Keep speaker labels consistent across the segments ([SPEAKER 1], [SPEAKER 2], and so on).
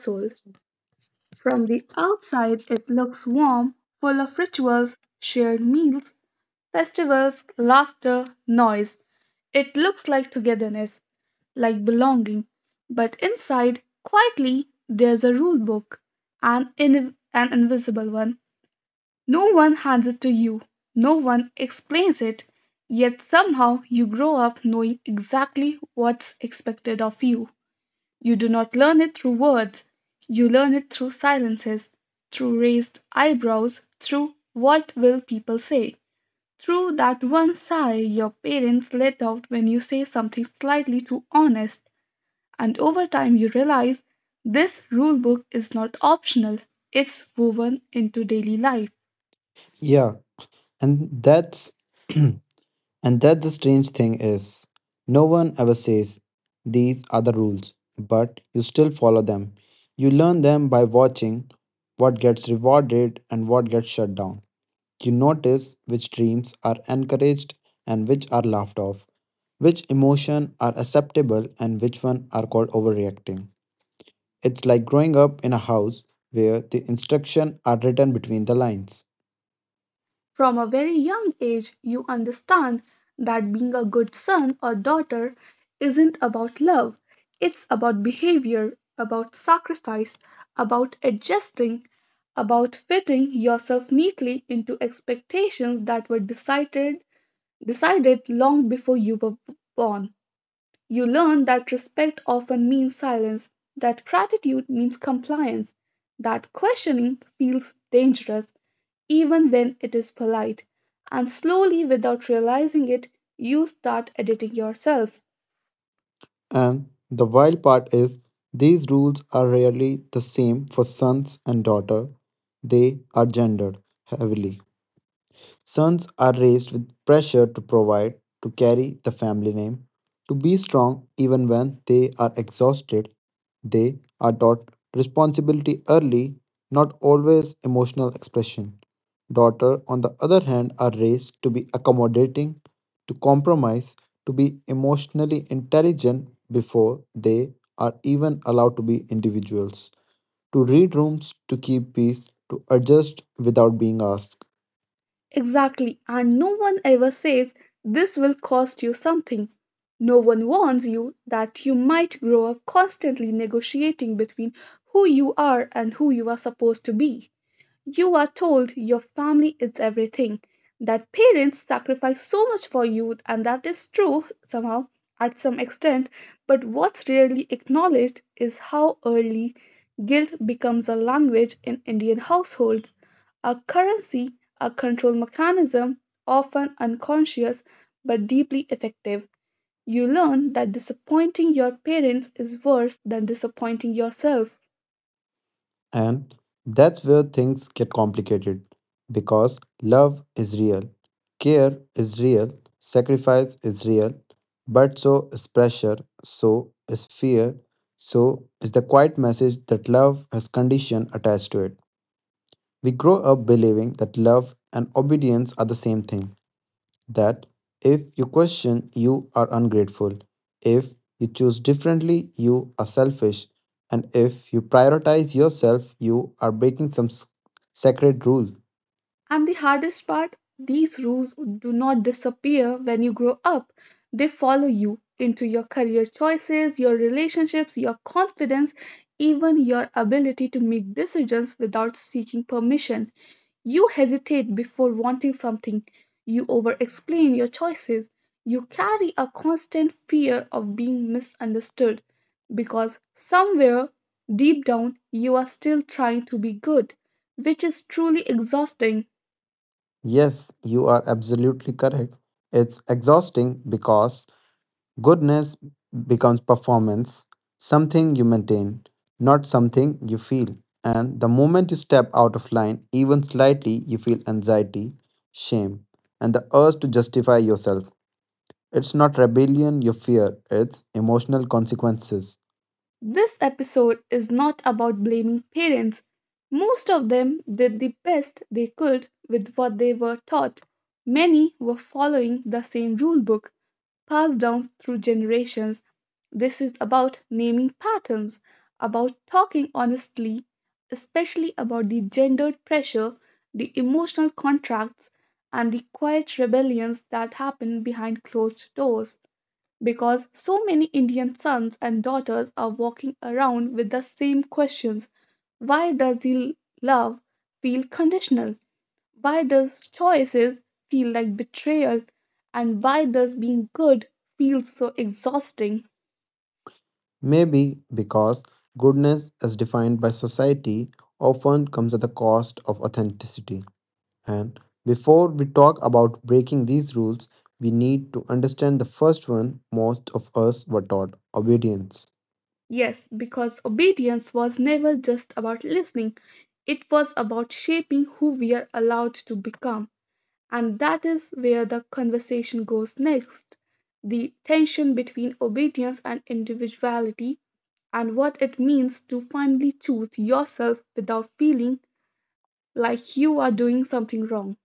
[SPEAKER 1] household. From the outside, it looks warm, full of rituals, shared meals, festivals, laughter, noise. It looks like togetherness, like belonging. But inside, quietly, there's a rule book, an invisible one. No one hands it to you, no one explains it, yet somehow you grow up knowing exactly what's expected of you. You do not learn it through words, you learn it through silences, through raised eyebrows, through what will people say, through that one sigh your parents let out when you say something slightly too honest. And over time you realize this rule book is not optional, it's woven into daily life.
[SPEAKER 2] Yeah, and that's and that's the strange thing is no one ever says these are the rules, but you still follow them. You learn them by watching what gets rewarded and what gets shut down. You notice which dreams are encouraged and which are laughed off, which emotion are acceptable and which one are called overreacting. It's like growing up in a house where the instructions are written between the lines.
[SPEAKER 1] From a very young age, you understand that being a good son or daughter isn't about love, it's about behavior, about sacrifice, about adjusting, about fitting yourself neatly into expectations that were decided long before you were born. You learn that respect often means silence, that gratitude means compliance, that questioning feels dangerous even when it is polite. And slowly, without realizing it, you start editing yourself.
[SPEAKER 2] And the wild part is, these rules are rarely the same for sons and daughter. They are gendered heavily. Sons are raised with pressure to provide, to carry the family name, to be strong even when they are exhausted. They are taught responsibility early, not always emotional expression. Daughter, on the other hand, are raised to be accommodating, to compromise, to be emotionally intelligent before they are even allowed to be individuals to read rooms, to keep peace, to adjust without being asked.
[SPEAKER 1] Exactly, and no one ever says this will cost you something. No one warns you that you might grow up constantly negotiating between who you are and who you are supposed to be. You are told your family is everything, that parents sacrifice so much for you, and that is true somehow at some extent. But what's rarely acknowledged is how early guilt becomes a language in Indian households, a currency, a control mechanism, often unconscious but deeply effective. You learn that disappointing your parents is worse than disappointing yourself.
[SPEAKER 2] And that's where things get complicated because love is real, care is real, sacrifice is real, but so is pressure, so is fear, so is the quiet message that love has condition attached to it. We grow up believing that love and obedience are the same thing that if you question, you are ungrateful. If you choose differently, you are selfish. And if you prioritize yourself, you are breaking some sacred rule.
[SPEAKER 1] And the hardest part, these rules do not disappear when you grow up. They follow you into your career choices, your relationships, your confidence, even your ability to make decisions without seeking permission. You hesitate before wanting something. You over explain your choices. You carry a constant fear of being misunderstood because somewhere deep down you are still trying to be good, which is truly exhausting.
[SPEAKER 2] Yes, you are absolutely correct. It's exhausting because goodness becomes performance, something you maintain, not something you feel. And the moment you step out of line, even slightly, you feel anxiety, shame, and the urge to justify yourself. It's not rebellion you fear, it's emotional consequences.
[SPEAKER 1] This episode is not about blaming parents. Most of them did the best they could with what they were taught. Many were following the same rule book passed down through generations. This is about naming patterns, about talking honestly, especially about the gendered pressure, the emotional contracts, and the quiet rebellions that happen behind closed doors because so many Indian sons and daughters are walking around with the same questions. Why does the love feel conditional? Why does choices feel like betrayal? And why does being good feel so exhausting?
[SPEAKER 2] Maybe because goodness, as defined by society, often comes at the cost of authenticity. And before we talk about breaking these rules, we need to understand the first one most of us were taught obedience.
[SPEAKER 1] Yes, because obedience was never just about listening, it was about shaping who we are allowed to become. And that is where the conversation goes next, the tension between obedience and individuality, and what it means to finally choose yourself without feeling like you are doing something wrong.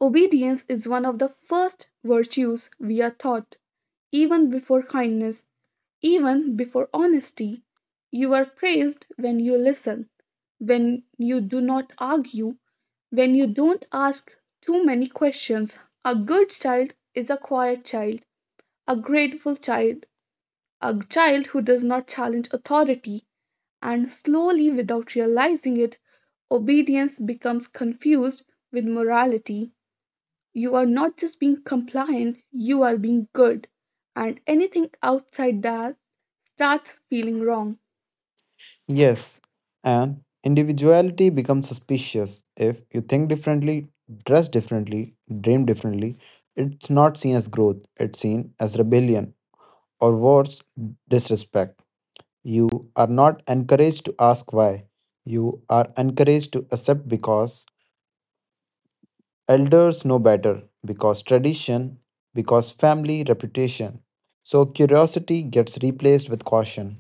[SPEAKER 1] Obedience is one of the first virtues we are taught, even before kindness, even before honesty. You are praised when you listen, when you do not argue, when you don't ask too many questions. A good child is a quiet child, a grateful child, a child who does not challenge authority, and slowly, without realizing it, obedience becomes confused with morality. You are not just being compliant, you are being good, and anything outside that starts feeling wrong,
[SPEAKER 2] Yes, and individuality becomes suspicious if you think differently, dress differently, dream differently. It's not seen as growth, it's seen as rebellion or worse, disrespect. You are not encouraged to ask why. You are encouraged to accept because elders know better, because tradition, because family reputation. So curiosity gets replaced with caution.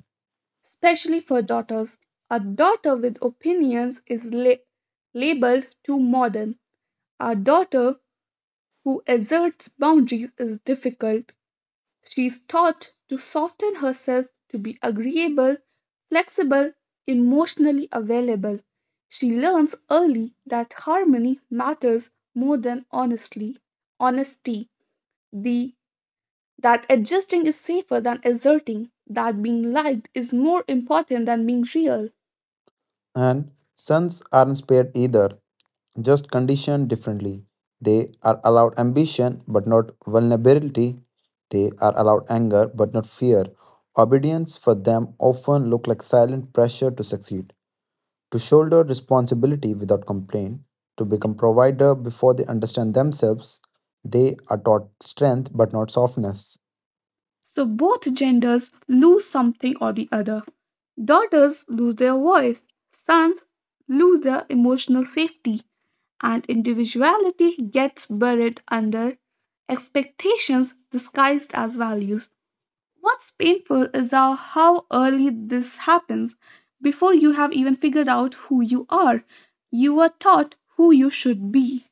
[SPEAKER 1] especially for daughters. A daughter with opinions is labeled too modern. Our daughter, who asserts boundaries, is difficult. She is taught to soften herself, to be agreeable, flexible, emotionally available. She learns early that harmony matters more than honestly honesty. The that adjusting is safer than asserting, that being liked is more important than being real.
[SPEAKER 2] And sons aren't spared either, just conditioned differently. They are allowed ambition but not vulnerability. They are allowed anger but not fear. Obedience for them often look like silent pressure to succeed, to shoulder responsibility without complaint, to become provider before they understand themselves. They are taught strength but not softness,
[SPEAKER 1] So both genders lose something or the other. Daughters lose their voice, sons lose their emotional safety, and individuality gets buried under expectations disguised as values. What's painful is how early this happens. Before you have even figured out who you are taught who you should be.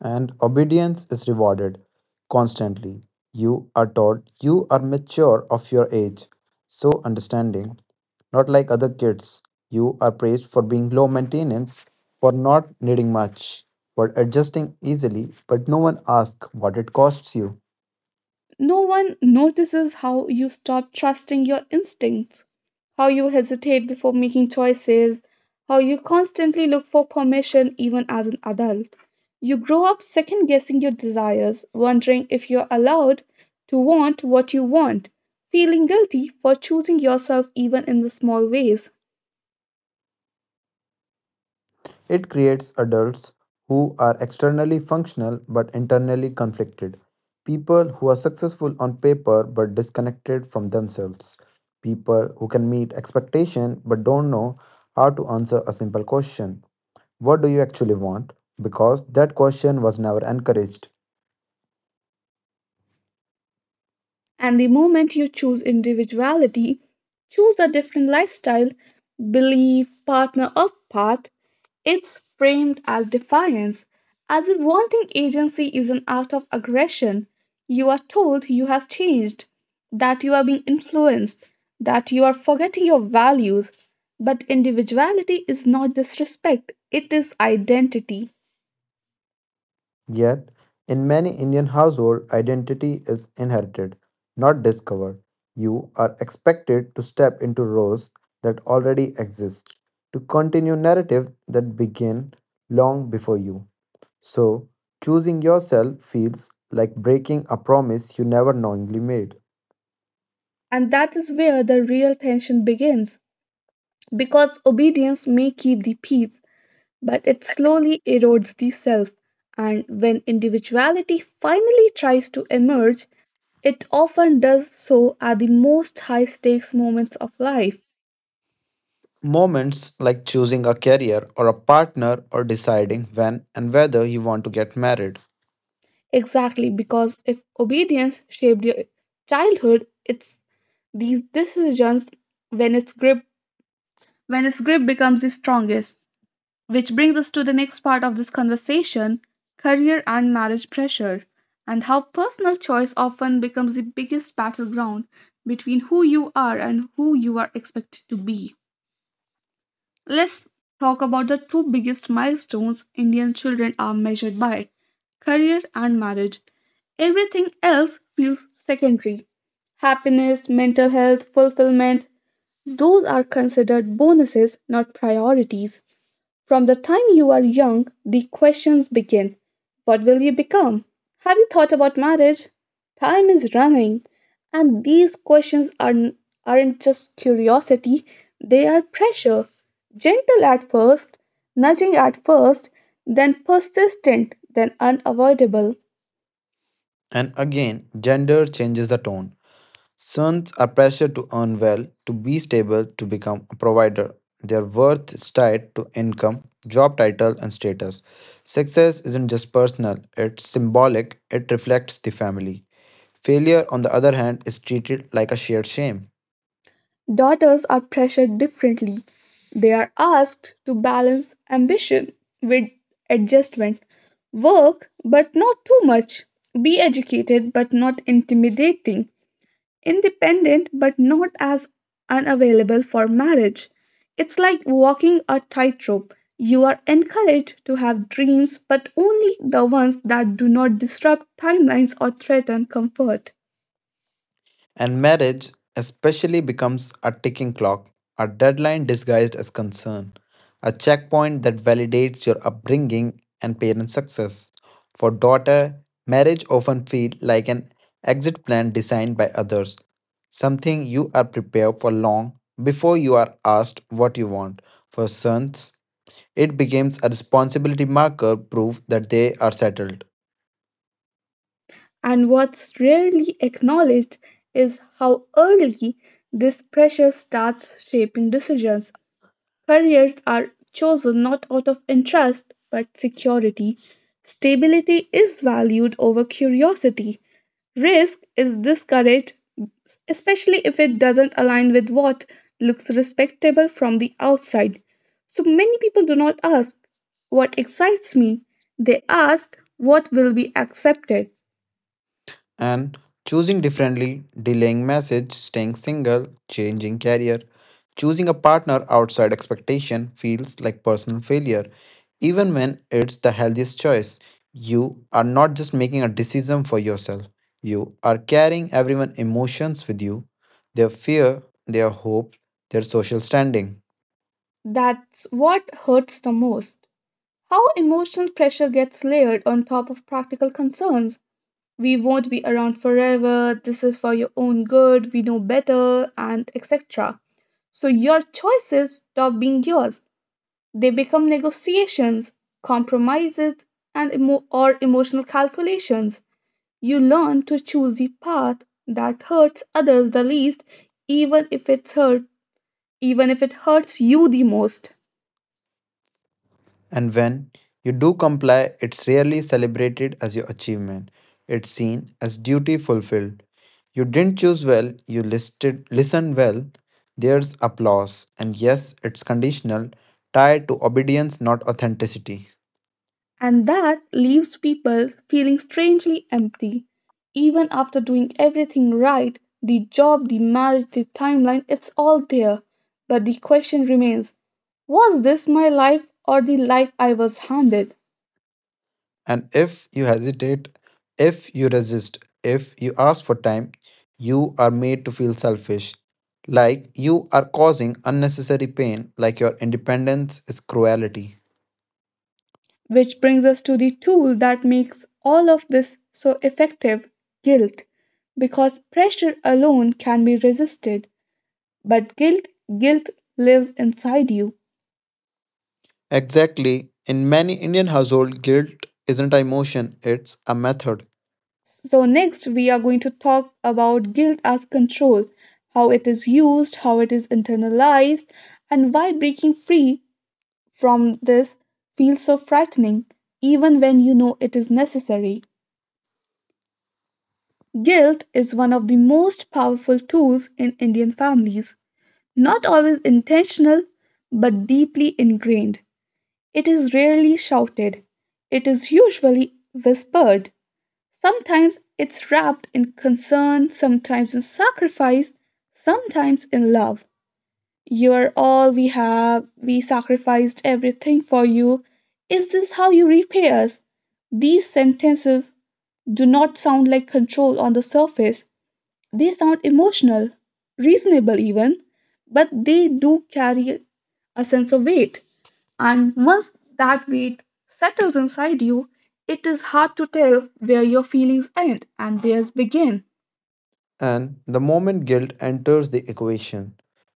[SPEAKER 2] and obedience is rewarded constantly. You are taught you are mature of your age, so understanding, not like other kids. You are praised for being low maintenance, for not needing much, for adjusting easily, but no one asks what it costs you.
[SPEAKER 1] No one notices how you stop trusting your instincts, how you hesitate before making choices, how you constantly look for permission even as an adult. You grow up second guessing your desires, wondering if you're allowed to want what you want, feeling guilty for choosing yourself even in the small ways.
[SPEAKER 2] It creates adults who are externally functional but internally conflicted, people who are successful on paper but disconnected from themselves, people who can meet expectation but don't know how to answer a simple question. What do you actually want? Because that question was never encouraged.
[SPEAKER 1] And the moment you choose individuality, choose a different lifestyle, belief, partner, or path, it's framed as defiance, as if wanting agency is an act of aggression. You are told you have changed, that you are being influenced, that you are forgetting your values. But individuality is not disrespect, it is identity.
[SPEAKER 2] Yet, in many Indian households, identity is inherited, not discovered. You are expected to step into roles that already exist, to continue narrative that began long before you. So, choosing yourself feels like breaking a promise you never knowingly made.
[SPEAKER 1] And that is where the real tension begins. Because obedience may keep the peace, but it slowly erodes the self. And when individuality finally tries to emerge, it often does so at the most high stakes moments of life.
[SPEAKER 2] Moments like choosing a career or a partner or deciding when and whether you want to get married.
[SPEAKER 1] Exactly, because if obedience shaped your childhood, it's these decisions when its grip when its grip becomes the strongest. Which brings us to the next part of this conversation, career and marriage pressure, and how personal choice often becomes the biggest battleground between who you are and who you are expected to be. Let's talk about the two biggest milestones Indian children are measured by, career and marriage. Everything else feels secondary. Happiness, mental health, fulfillment, those are considered bonuses, not priorities. From the time you are young, the questions begin. What will you become? Have you thought about marriage? Time is running. And these questions aren't just curiosity, they are pressure. Gentle at first, nudging at first, then persistent, then unavoidable.
[SPEAKER 2] And again, gender changes the tone. Sons are pressured to earn well, to be stable, to become a provider. Their worth is tied to income, job title, and status. Success isn't just personal, it's symbolic, it reflects the family. Failure, on the other hand, is treated like a shared shame.
[SPEAKER 1] Daughters are pressured differently. They are asked to balance ambition with adjustment, work but not too much, be educated but not intimidating, independent but not as unavailable for marriage. It's like walking a tightrope. You are encouraged to have dreams, but only the ones that do not disrupt timelines or threaten comfort.
[SPEAKER 2] And marriage, especially, becomes a ticking clock, a deadline disguised as concern, a checkpoint that validates your upbringing and parent success. For daughter, marriage often feels like an exit plan designed by others, something you are prepared for long before you are asked what you want. For sons, it becomes a responsibility marker proof that they are settled
[SPEAKER 1] And what's rarely acknowledged is how early this pressure starts shaping decisions. Careers are chosen not out of interest but security. Stability is valued over curiosity. Risk is discouraged, especially if it doesn't align with what looks respectable from the outside. So many people do not ask what excites me, they ask what will be accepted.
[SPEAKER 2] and choosing differently, delaying message, staying single, changing career, choosing a partner outside expectation feels like personal failure, even when it's the healthiest choice. You are not just making a decision for yourself, you are carrying everyone's emotions with you, their fear, their hope, their social standing.
[SPEAKER 1] That's what hurts the most. How emotional pressure gets layered on top of practical concerns. We won't be around forever, this is for your own good, we know better, and etc. So your choices stop being yours. They become negotiations, compromises, and emo- or emotional calculations. You learn to choose the path that hurts others the least, even if it hurt, even if it hurts you the most.
[SPEAKER 2] And when you do comply, it's rarely celebrated as your achievement. It's seen as duty fulfilled. You didn't choose well, you listed listen well. There's applause. And yes, it's conditional, tied to obedience, not authenticity.
[SPEAKER 1] And that leaves people feeling strangely empty. Even after doing everything right, the job, the marriage, the timeline, it's all there. But the question remains, was this my life or the life I was handed?
[SPEAKER 2] And if you hesitate, if you resist, if you ask for time, you are made to feel selfish. Like you are causing unnecessary pain, like your independence is cruelty.
[SPEAKER 1] Which brings us to the tool that makes all of this so effective, guilt. Because pressure alone can be resisted, but guilt, guilt lives inside you.
[SPEAKER 2] Exactly. In many Indian households, guilt isn't an emotion, it's a method.
[SPEAKER 1] So, next, we are going to talk about guilt as control, how it is used, how it is internalized, and why breaking free from this feels so frightening, even when you know it is necessary. Guilt is one of the most powerful tools in Indian families, not always intentional, but deeply ingrained. It is rarely shouted, it is usually whispered. Sometimes it's wrapped in concern, sometimes in sacrifice, sometimes in love. You are all we have, we sacrificed everything for you. Is this how you repay us? These sentences do not sound like control on the surface, they sound emotional, reasonable even, but they do carry a sense of weight. And once that weight settles inside you, it is hard to tell where your feelings end and theirs begin.
[SPEAKER 2] And the moment guilt enters the equation,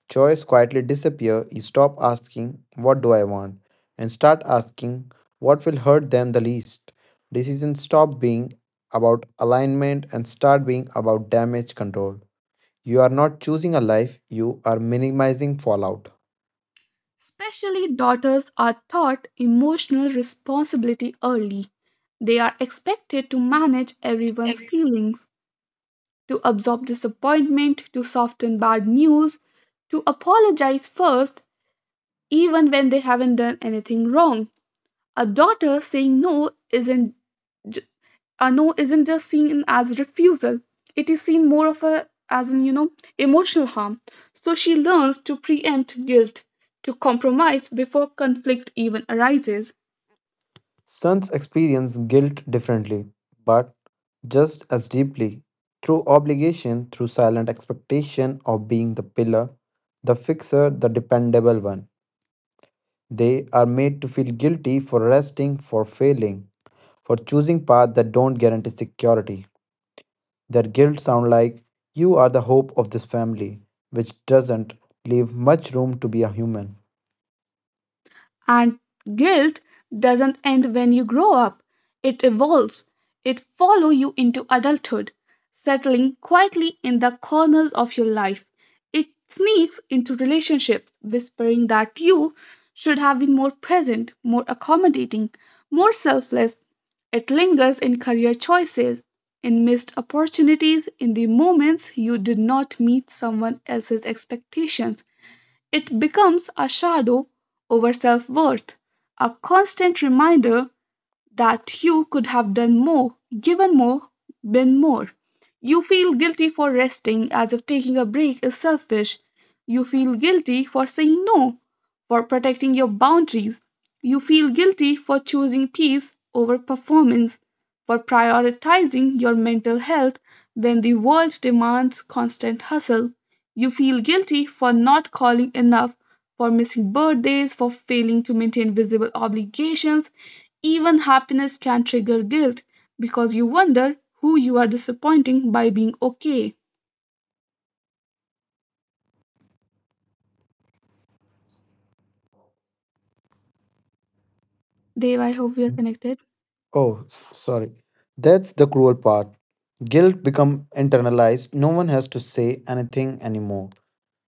[SPEAKER 2] choice quietly disappears. You stop asking, what do I want? And start asking, what will hurt them the least? Decisions stop being about alignment and start being about damage control. You are not choosing a life, you are minimizing fallout.
[SPEAKER 1] Especially daughters are taught emotional responsibility early. They are expected to manage everyone's feelings, to absorb disappointment, to soften bad news, to apologize first, even when they haven't done anything wrong. A daughter saying no isn't just seen as refusal, it is seen more of a as an emotional harm. So she learns to preempt guilt, to compromise before conflict even arises.
[SPEAKER 2] Sons experience guilt differently, but just as deeply. Through obligation, through silent expectation of being the pillar, the fixer, the dependable one. They are made to feel guilty for resting, for failing, for choosing paths that don't guarantee security. Their guilt sound like, you are the hope of this family, which doesn't leave much room to be a human.
[SPEAKER 1] And guilt doesn't end when you grow up. It evolves. It follows you into adulthood, settling quietly in the corners of your life. It sneaks into relationships, whispering that you should have been more present, more accommodating, more selfless. It lingers in career choices, in missed opportunities, in the moments you did not meet someone else's expectations. It becomes a shadow over self worth, a constant reminder that you could have done more, given more, been more. You feel guilty for resting as if taking a break is selfish. You feel guilty for saying no, for protecting your boundaries. You feel guilty for choosing peace over performance, for prioritizing your mental health when the world demands constant hustle. You feel guilty for not calling enough, for missing birthdays, for failing to maintain visible obligations. Even happiness can trigger guilt because you wonder who you are disappointing by being okay. Dave, I hope we are connected.
[SPEAKER 2] Oh, sorry. That's the cruel part. Guilt become internalized. No one has to say anything anymore.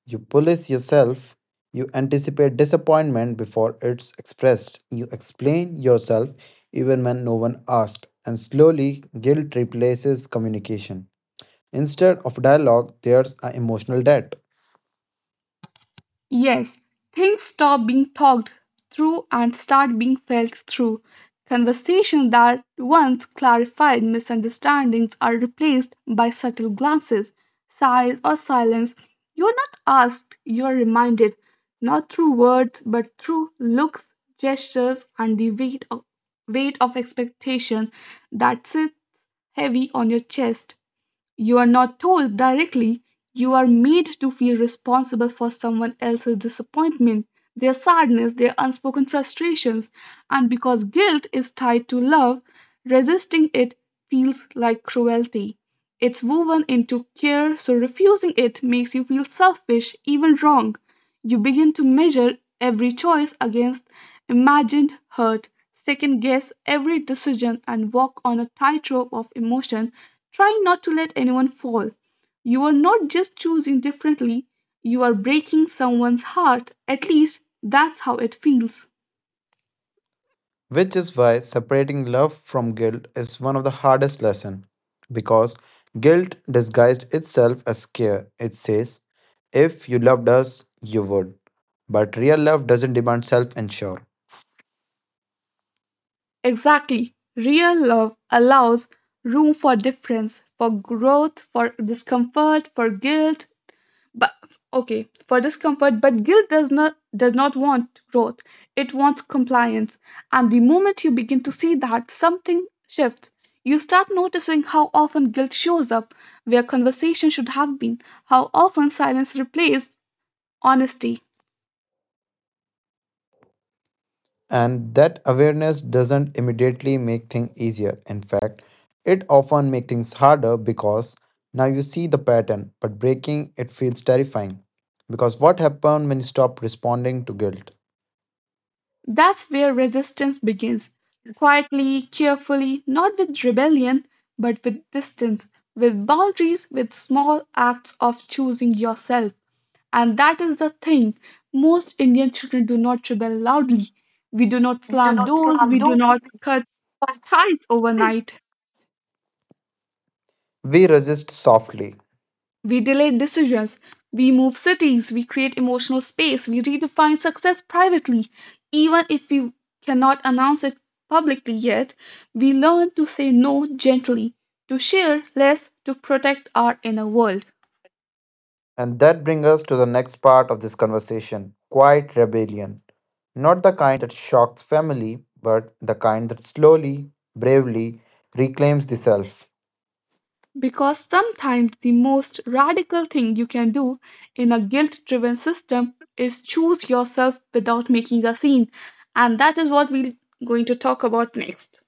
[SPEAKER 2] You police yourself. You anticipate disappointment before it's expressed. You explain yourself even when no one asked. And slowly, guilt replaces communication. Instead of dialogue, there's an emotional debt.
[SPEAKER 1] Yes, things stop being talked through and start being felt through. Conversations that once clarified misunderstandings are replaced by subtle glances, sighs, or silence. You're not asked, you're reminded, not through words but through looks, gestures, and the weight of expectation that sits heavy on your chest. You are not told directly, you are made to feel responsible for someone else's disappointment, their sadness, their unspoken frustrations, and because guilt is tied to love, resisting it feels like cruelty. It's woven into care, so refusing it makes you feel selfish, even wrong. You begin to measure every choice against imagined hurt, second guess every decision, and walk on a tightrope of emotion, trying not to let anyone fall. You are not just choosing differently, you are breaking someone's heart. At least that's how it feels.
[SPEAKER 2] Which is why separating love from guilt is one of the hardest lessons. Because guilt disguised itself as care. It says, if you loved us, you would. But real love doesn't demand self ensure.
[SPEAKER 1] Exactly. Real love allows room for difference, for growth, for discomfort, for guilt, but okay for discomfort but guilt does not want growth, it wants compliance. And the moment you begin to see that, something shifts. You start noticing how often guilt shows up where conversation should have been, how often silence replaced honesty.
[SPEAKER 2] And that awareness doesn't immediately make things easier. In fact, it often makes things harder because now you see the pattern, but breaking it feels terrifying. Because what happens when you stop responding to guilt?
[SPEAKER 1] That's where resistance begins. Quietly, carefully, not with rebellion, but with distance, with boundaries, with small acts of choosing yourself. And that is the thing. Most Indian children do not rebel loudly. We do not
[SPEAKER 2] We do
[SPEAKER 1] slam
[SPEAKER 2] not
[SPEAKER 1] doors,
[SPEAKER 2] slam
[SPEAKER 1] we do
[SPEAKER 2] doors.
[SPEAKER 1] not cut ties overnight.
[SPEAKER 2] We resist softly.
[SPEAKER 1] We delay decisions. We move cities. We create emotional space. We redefine success privately. Even if we cannot announce it publicly yet, we learn to say no gently, to share less, to protect our inner world.
[SPEAKER 2] And that brings us to the next part of this conversation quiet rebellion. Not the kind that shocks family, but the kind that slowly, bravely reclaims the self.
[SPEAKER 1] Because sometimes the most radical thing you can do in a guilt driven system is choose yourself without making a scene. And that is what we're going to talk about next.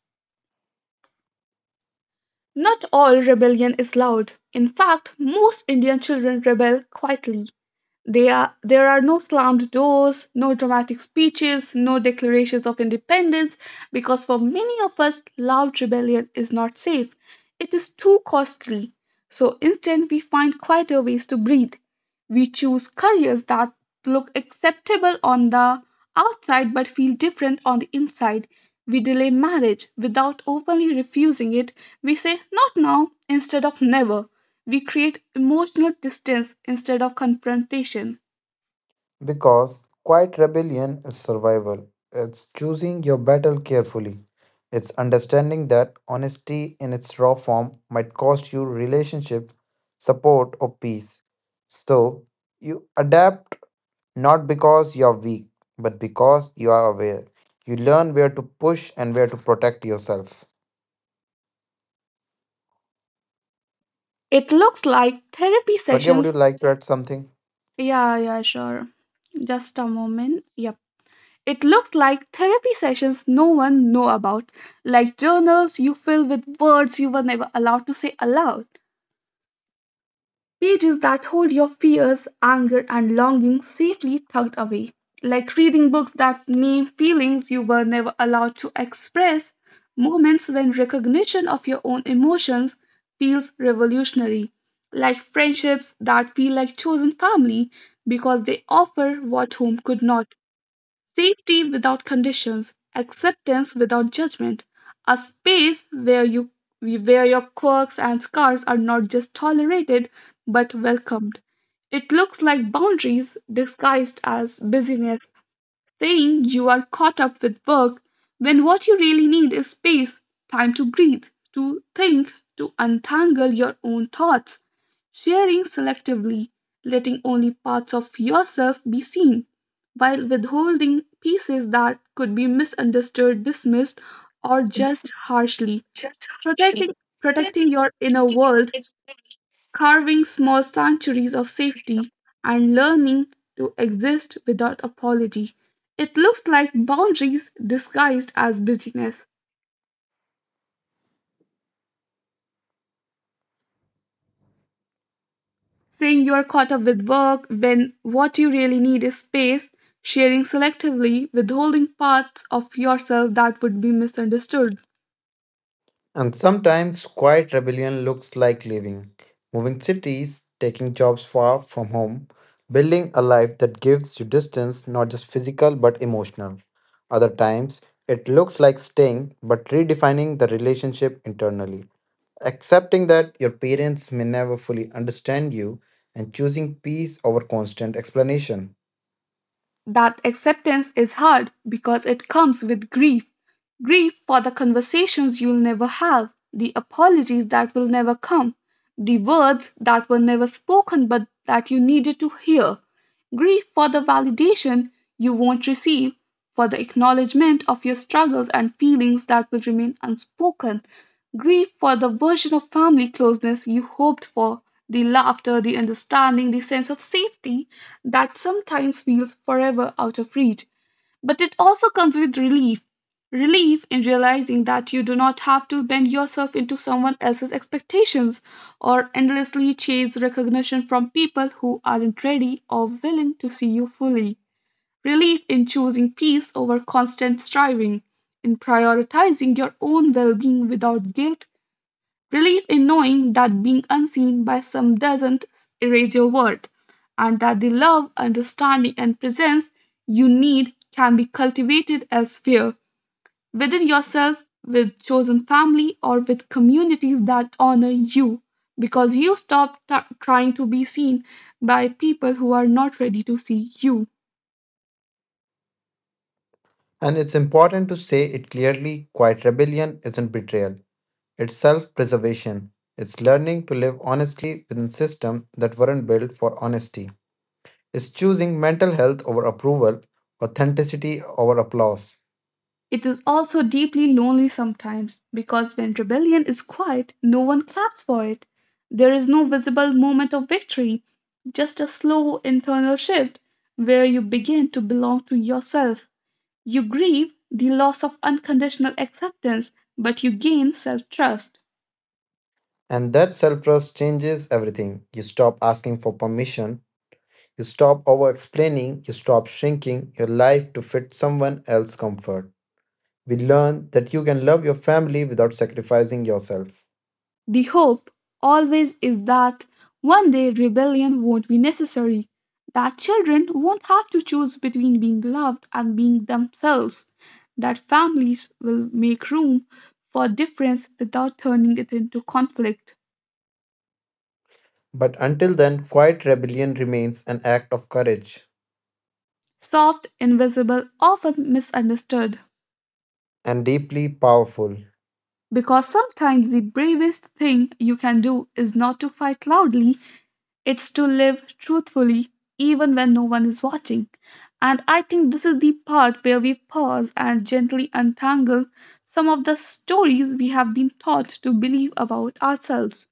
[SPEAKER 1] Not all rebellion is loud; in fact, most Indian children rebel quietly. There are no slammed doors, no dramatic speeches, no declarations of independence, because for many of us, loud rebellion is not safe. It is too costly. So instead, we find quieter ways to breathe. We choose careers that look acceptable on the outside but feel different on the inside. We delay marriage without openly refusing it. We say not now instead of never. We create emotional distance instead of confrontation.
[SPEAKER 2] Because quiet rebellion is survival, it's choosing your battle carefully. It's understanding that honesty in its raw form might cost you relationship, support, or peace. So you adapt. Not because you're weak, but because you are aware. You learn where to push and where to protect yourself.
[SPEAKER 1] It looks like therapy
[SPEAKER 2] Pragya, would you
[SPEAKER 1] sessions.
[SPEAKER 2] like to add something?
[SPEAKER 1] Yeah, yeah, sure. Just a moment. Yep. It looks like therapy sessions no one know about, like journals you fill with words you were never allowed to say aloud. Pages that hold your fears, anger, and longing safely tucked away. Like reading books that name feelings you were never allowed to express, moments when recognition of your own emotions feels revolutionary. Like friendships that feel like chosen family because they offer what home could not. Safety without conditions, acceptance without judgment, a space where your quirks and scars are not just tolerated but welcomed. It looks like boundaries disguised as busyness, saying you are caught up with work when what you really need is space, time to breathe, to think, to untangle your own thoughts, sharing selectively, letting only parts of yourself be seen, while withholding pieces that could be misunderstood, dismissed, or judged harshly. Protecting, protecting your inner world, carving small sanctuaries of safety, and learning to exist without apology. It looks like boundaries disguised as busyness. Saying you're caught up with work when what you really need is space, sharing selectively, withholding parts of yourself that would be misunderstood.
[SPEAKER 2] And sometimes quiet rebellion looks like leaving, moving cities, taking jobs far from home, building a life that gives you distance, not just physical but emotional. Other times, it looks like staying but redefining the relationship internally, accepting that your parents may never fully understand you, and choosing peace over constant explanation.
[SPEAKER 1] That acceptance is hard because it comes with grief, grief for the conversations you'll never have, the apologies that will never come, the words that were never spoken but that you needed to hear, grief for the validation you won't receive, for the acknowledgement of your struggles and feelings that will remain unspoken, grief for the version of family closeness you hoped for, the laughter, the understanding, the sense of safety that sometimes feels forever out of reach, but it also comes with relief. Relief in realizing that you do not have to bend yourself into someone else's expectations or endlessly chase recognition from people who aren't ready or willing to see you fully. Relief in choosing peace over constant striving, in prioritizing your own well being without guilt. Relief in knowing that being unseen by some doesn't erase your worth, and that the love, understanding, and presence you need can be cultivated elsewhere, within yourself, with chosen family, or with communities that honor you, because you stop trying to be seen by people who are not ready to see you.
[SPEAKER 2] And it's important to say it clearly quiet rebellion isn't betrayal. It's self preservation. It's learning to live honestly within systems that weren't built for honesty. It's choosing mental health over approval, authenticity over applause.
[SPEAKER 1] It is also deeply lonely sometimes, because when rebellion is quiet, no one claps for it. There is no visible moment of victory, just a slow internal shift where you begin to belong to yourself. You grieve the loss of unconditional acceptance, but you gain self trust.
[SPEAKER 2] And that self trust changes everything. You stop asking for permission, you stop over explaining, you stop shrinking your life to fit someone else's comfort. We learn that you can love your family without sacrificing yourself.
[SPEAKER 1] The hope always is that one day rebellion won't be necessary, that children won't have to choose between being loved and being themselves, that families will make room for difference without turning it into conflict.
[SPEAKER 2] But until then, quiet rebellion remains an act of courage
[SPEAKER 1] Soft, invisible, often misunderstood.
[SPEAKER 2] and deeply powerful.
[SPEAKER 1] Because sometimes the bravest thing you can do is not to fight loudly, it's to live truthfully even when no one is watching. And I think this is the part where we pause and gently untangle some of the stories we have been taught to believe about ourselves.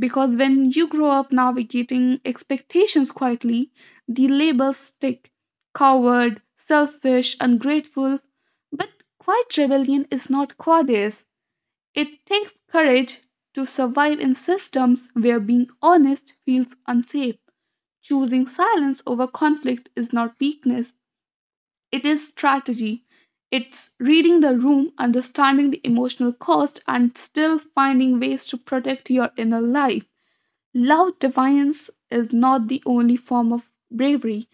[SPEAKER 1] Because when you grow up navigating expectations quietly, the labels stick: coward, selfish, ungrateful. But quiet rebellion is not cowardice, it takes courage to survive in systems where being honest feels unsafe. Choosing silence over conflict is not weakness, it is strategy. It's reading the room, understanding the emotional cost, and still finding ways to protect your inner life. Loud defiance is not the only form of bravery.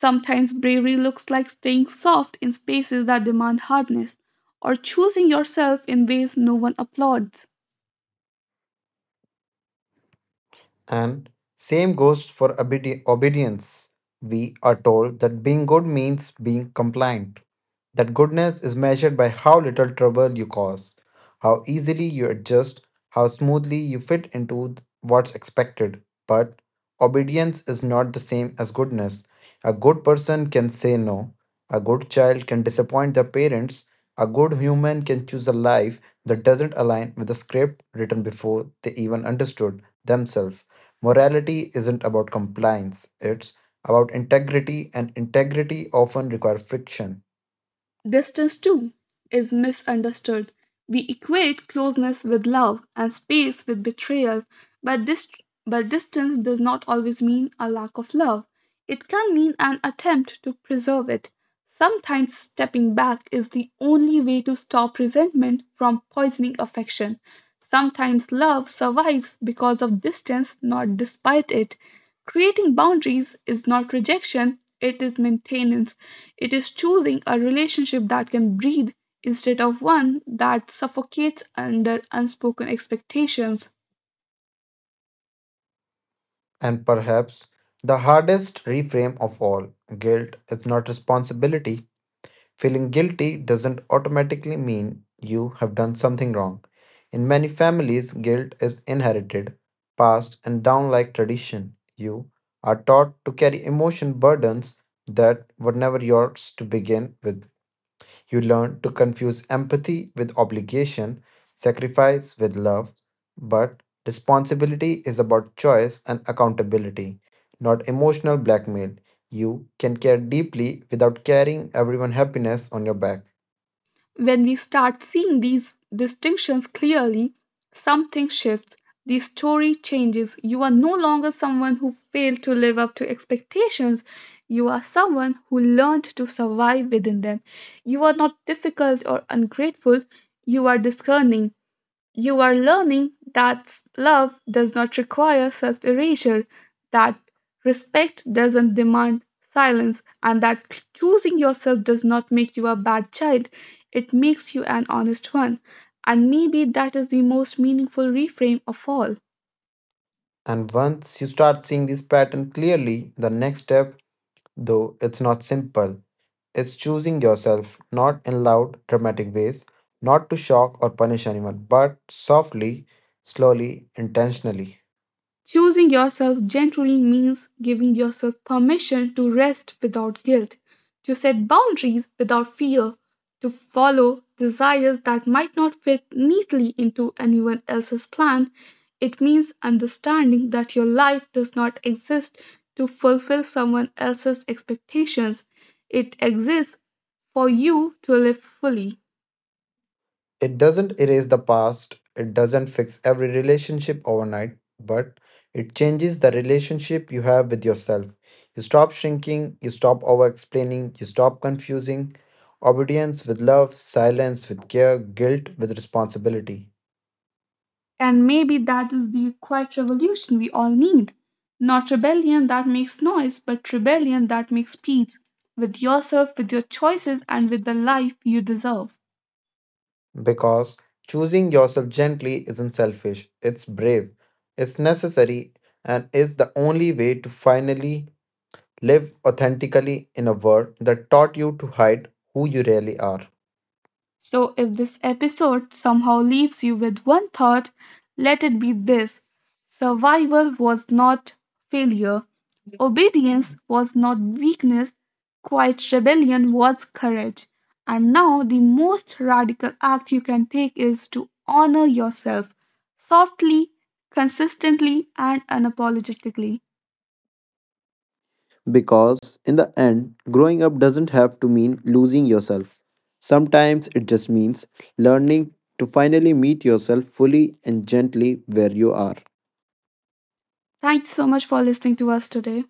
[SPEAKER 1] Sometimes bravery looks like staying soft in spaces that demand hardness, or choosing yourself in ways no one applauds.
[SPEAKER 2] And same goes for obedience. We are told that being good means being compliant that goodness is measured by how little trouble you cause, how easily you adjust, how smoothly you fit into what's expected. But obedience is not the same as goodness. A good person can say no, a good child can disappoint their parents, a good human can choose a life that doesn't align with the script written before they even understood themselves. Morality isn't about compliance, it's about integrity, and integrity often requires friction.
[SPEAKER 1] Distance, too, is misunderstood. We equate closeness with love and space with betrayal, but, this, but distance does not always mean a lack of love. It can mean an attempt to preserve it. Sometimes stepping back is the only way to stop resentment from poisoning affection. Sometimes love survives because of distance, not despite it. Creating boundaries is not rejection, it is maintenance. It is choosing a relationship that can breathe instead of one that suffocates under unspoken expectations.
[SPEAKER 2] And perhaps the hardest reframe of all guilt is not responsibility. Feeling guilty doesn't automatically mean you have done something wrong. In many families, guilt is inherited, passed, and down like tradition. You are taught to carry emotion burdens that were never yours to begin with. You learn to confuse empathy with obligation, sacrifice with love, but responsibility is about choice and accountability, not emotional blackmail. You can care deeply without carrying everyone's happiness on your back.
[SPEAKER 1] When we start seeing these distinctions clearly, something shifts. The story changes. You are no longer someone who failed to live up to expectations. You are someone who learned to survive within them. You are not difficult or ungrateful. You are discerning. You are learning that love does not require self erasure, that respect doesn't demand silence, and that choosing yourself does not make you a bad child. It makes you an honest one. And maybe that is the most meaningful reframe of all.
[SPEAKER 2] And once you start seeing this pattern clearly, the next step, though it's not simple, is choosing yourself, not in loud, dramatic ways, not to shock or punish anyone, but softly, slowly, intentionally.
[SPEAKER 1] Choosing yourself gently means giving yourself permission to rest without guilt, to set boundaries without fear, to follow desires that might not fit neatly into anyone else's plan. It means understanding that your life does not exist to fulfill someone else's expectations. It exists for you to live fully.
[SPEAKER 2] It doesn't erase the past, it doesn't fix every relationship overnight, but it changes the relationship you have with yourself. You stop shrinking, you stop over explaining, you stop confusing obedience with love, silence with care, guilt with responsibility.
[SPEAKER 1] And maybe that is the quiet revolution we all need. Not rebellion that makes noise, but rebellion that makes peace with yourself, with your choices, and with the life you deserve.
[SPEAKER 2] Because choosing yourself gently isn't selfish, it's brave, it's necessary, and is the only way to finally live authentically in a world that taught you to hide who you really are.
[SPEAKER 1] So, if this episode somehow leaves you with one thought, let it be this: survival was not failure, obedience was not weakness, quiet rebellion was courage. And now, the most radical act you can take is to honor yourself softly, consistently, and unapologetically.
[SPEAKER 2] Because in the end, growing up doesn't have to mean losing yourself. Sometimes it just means learning to finally meet yourself fully and gently where you are.
[SPEAKER 1] Thank you so much for listening to us today.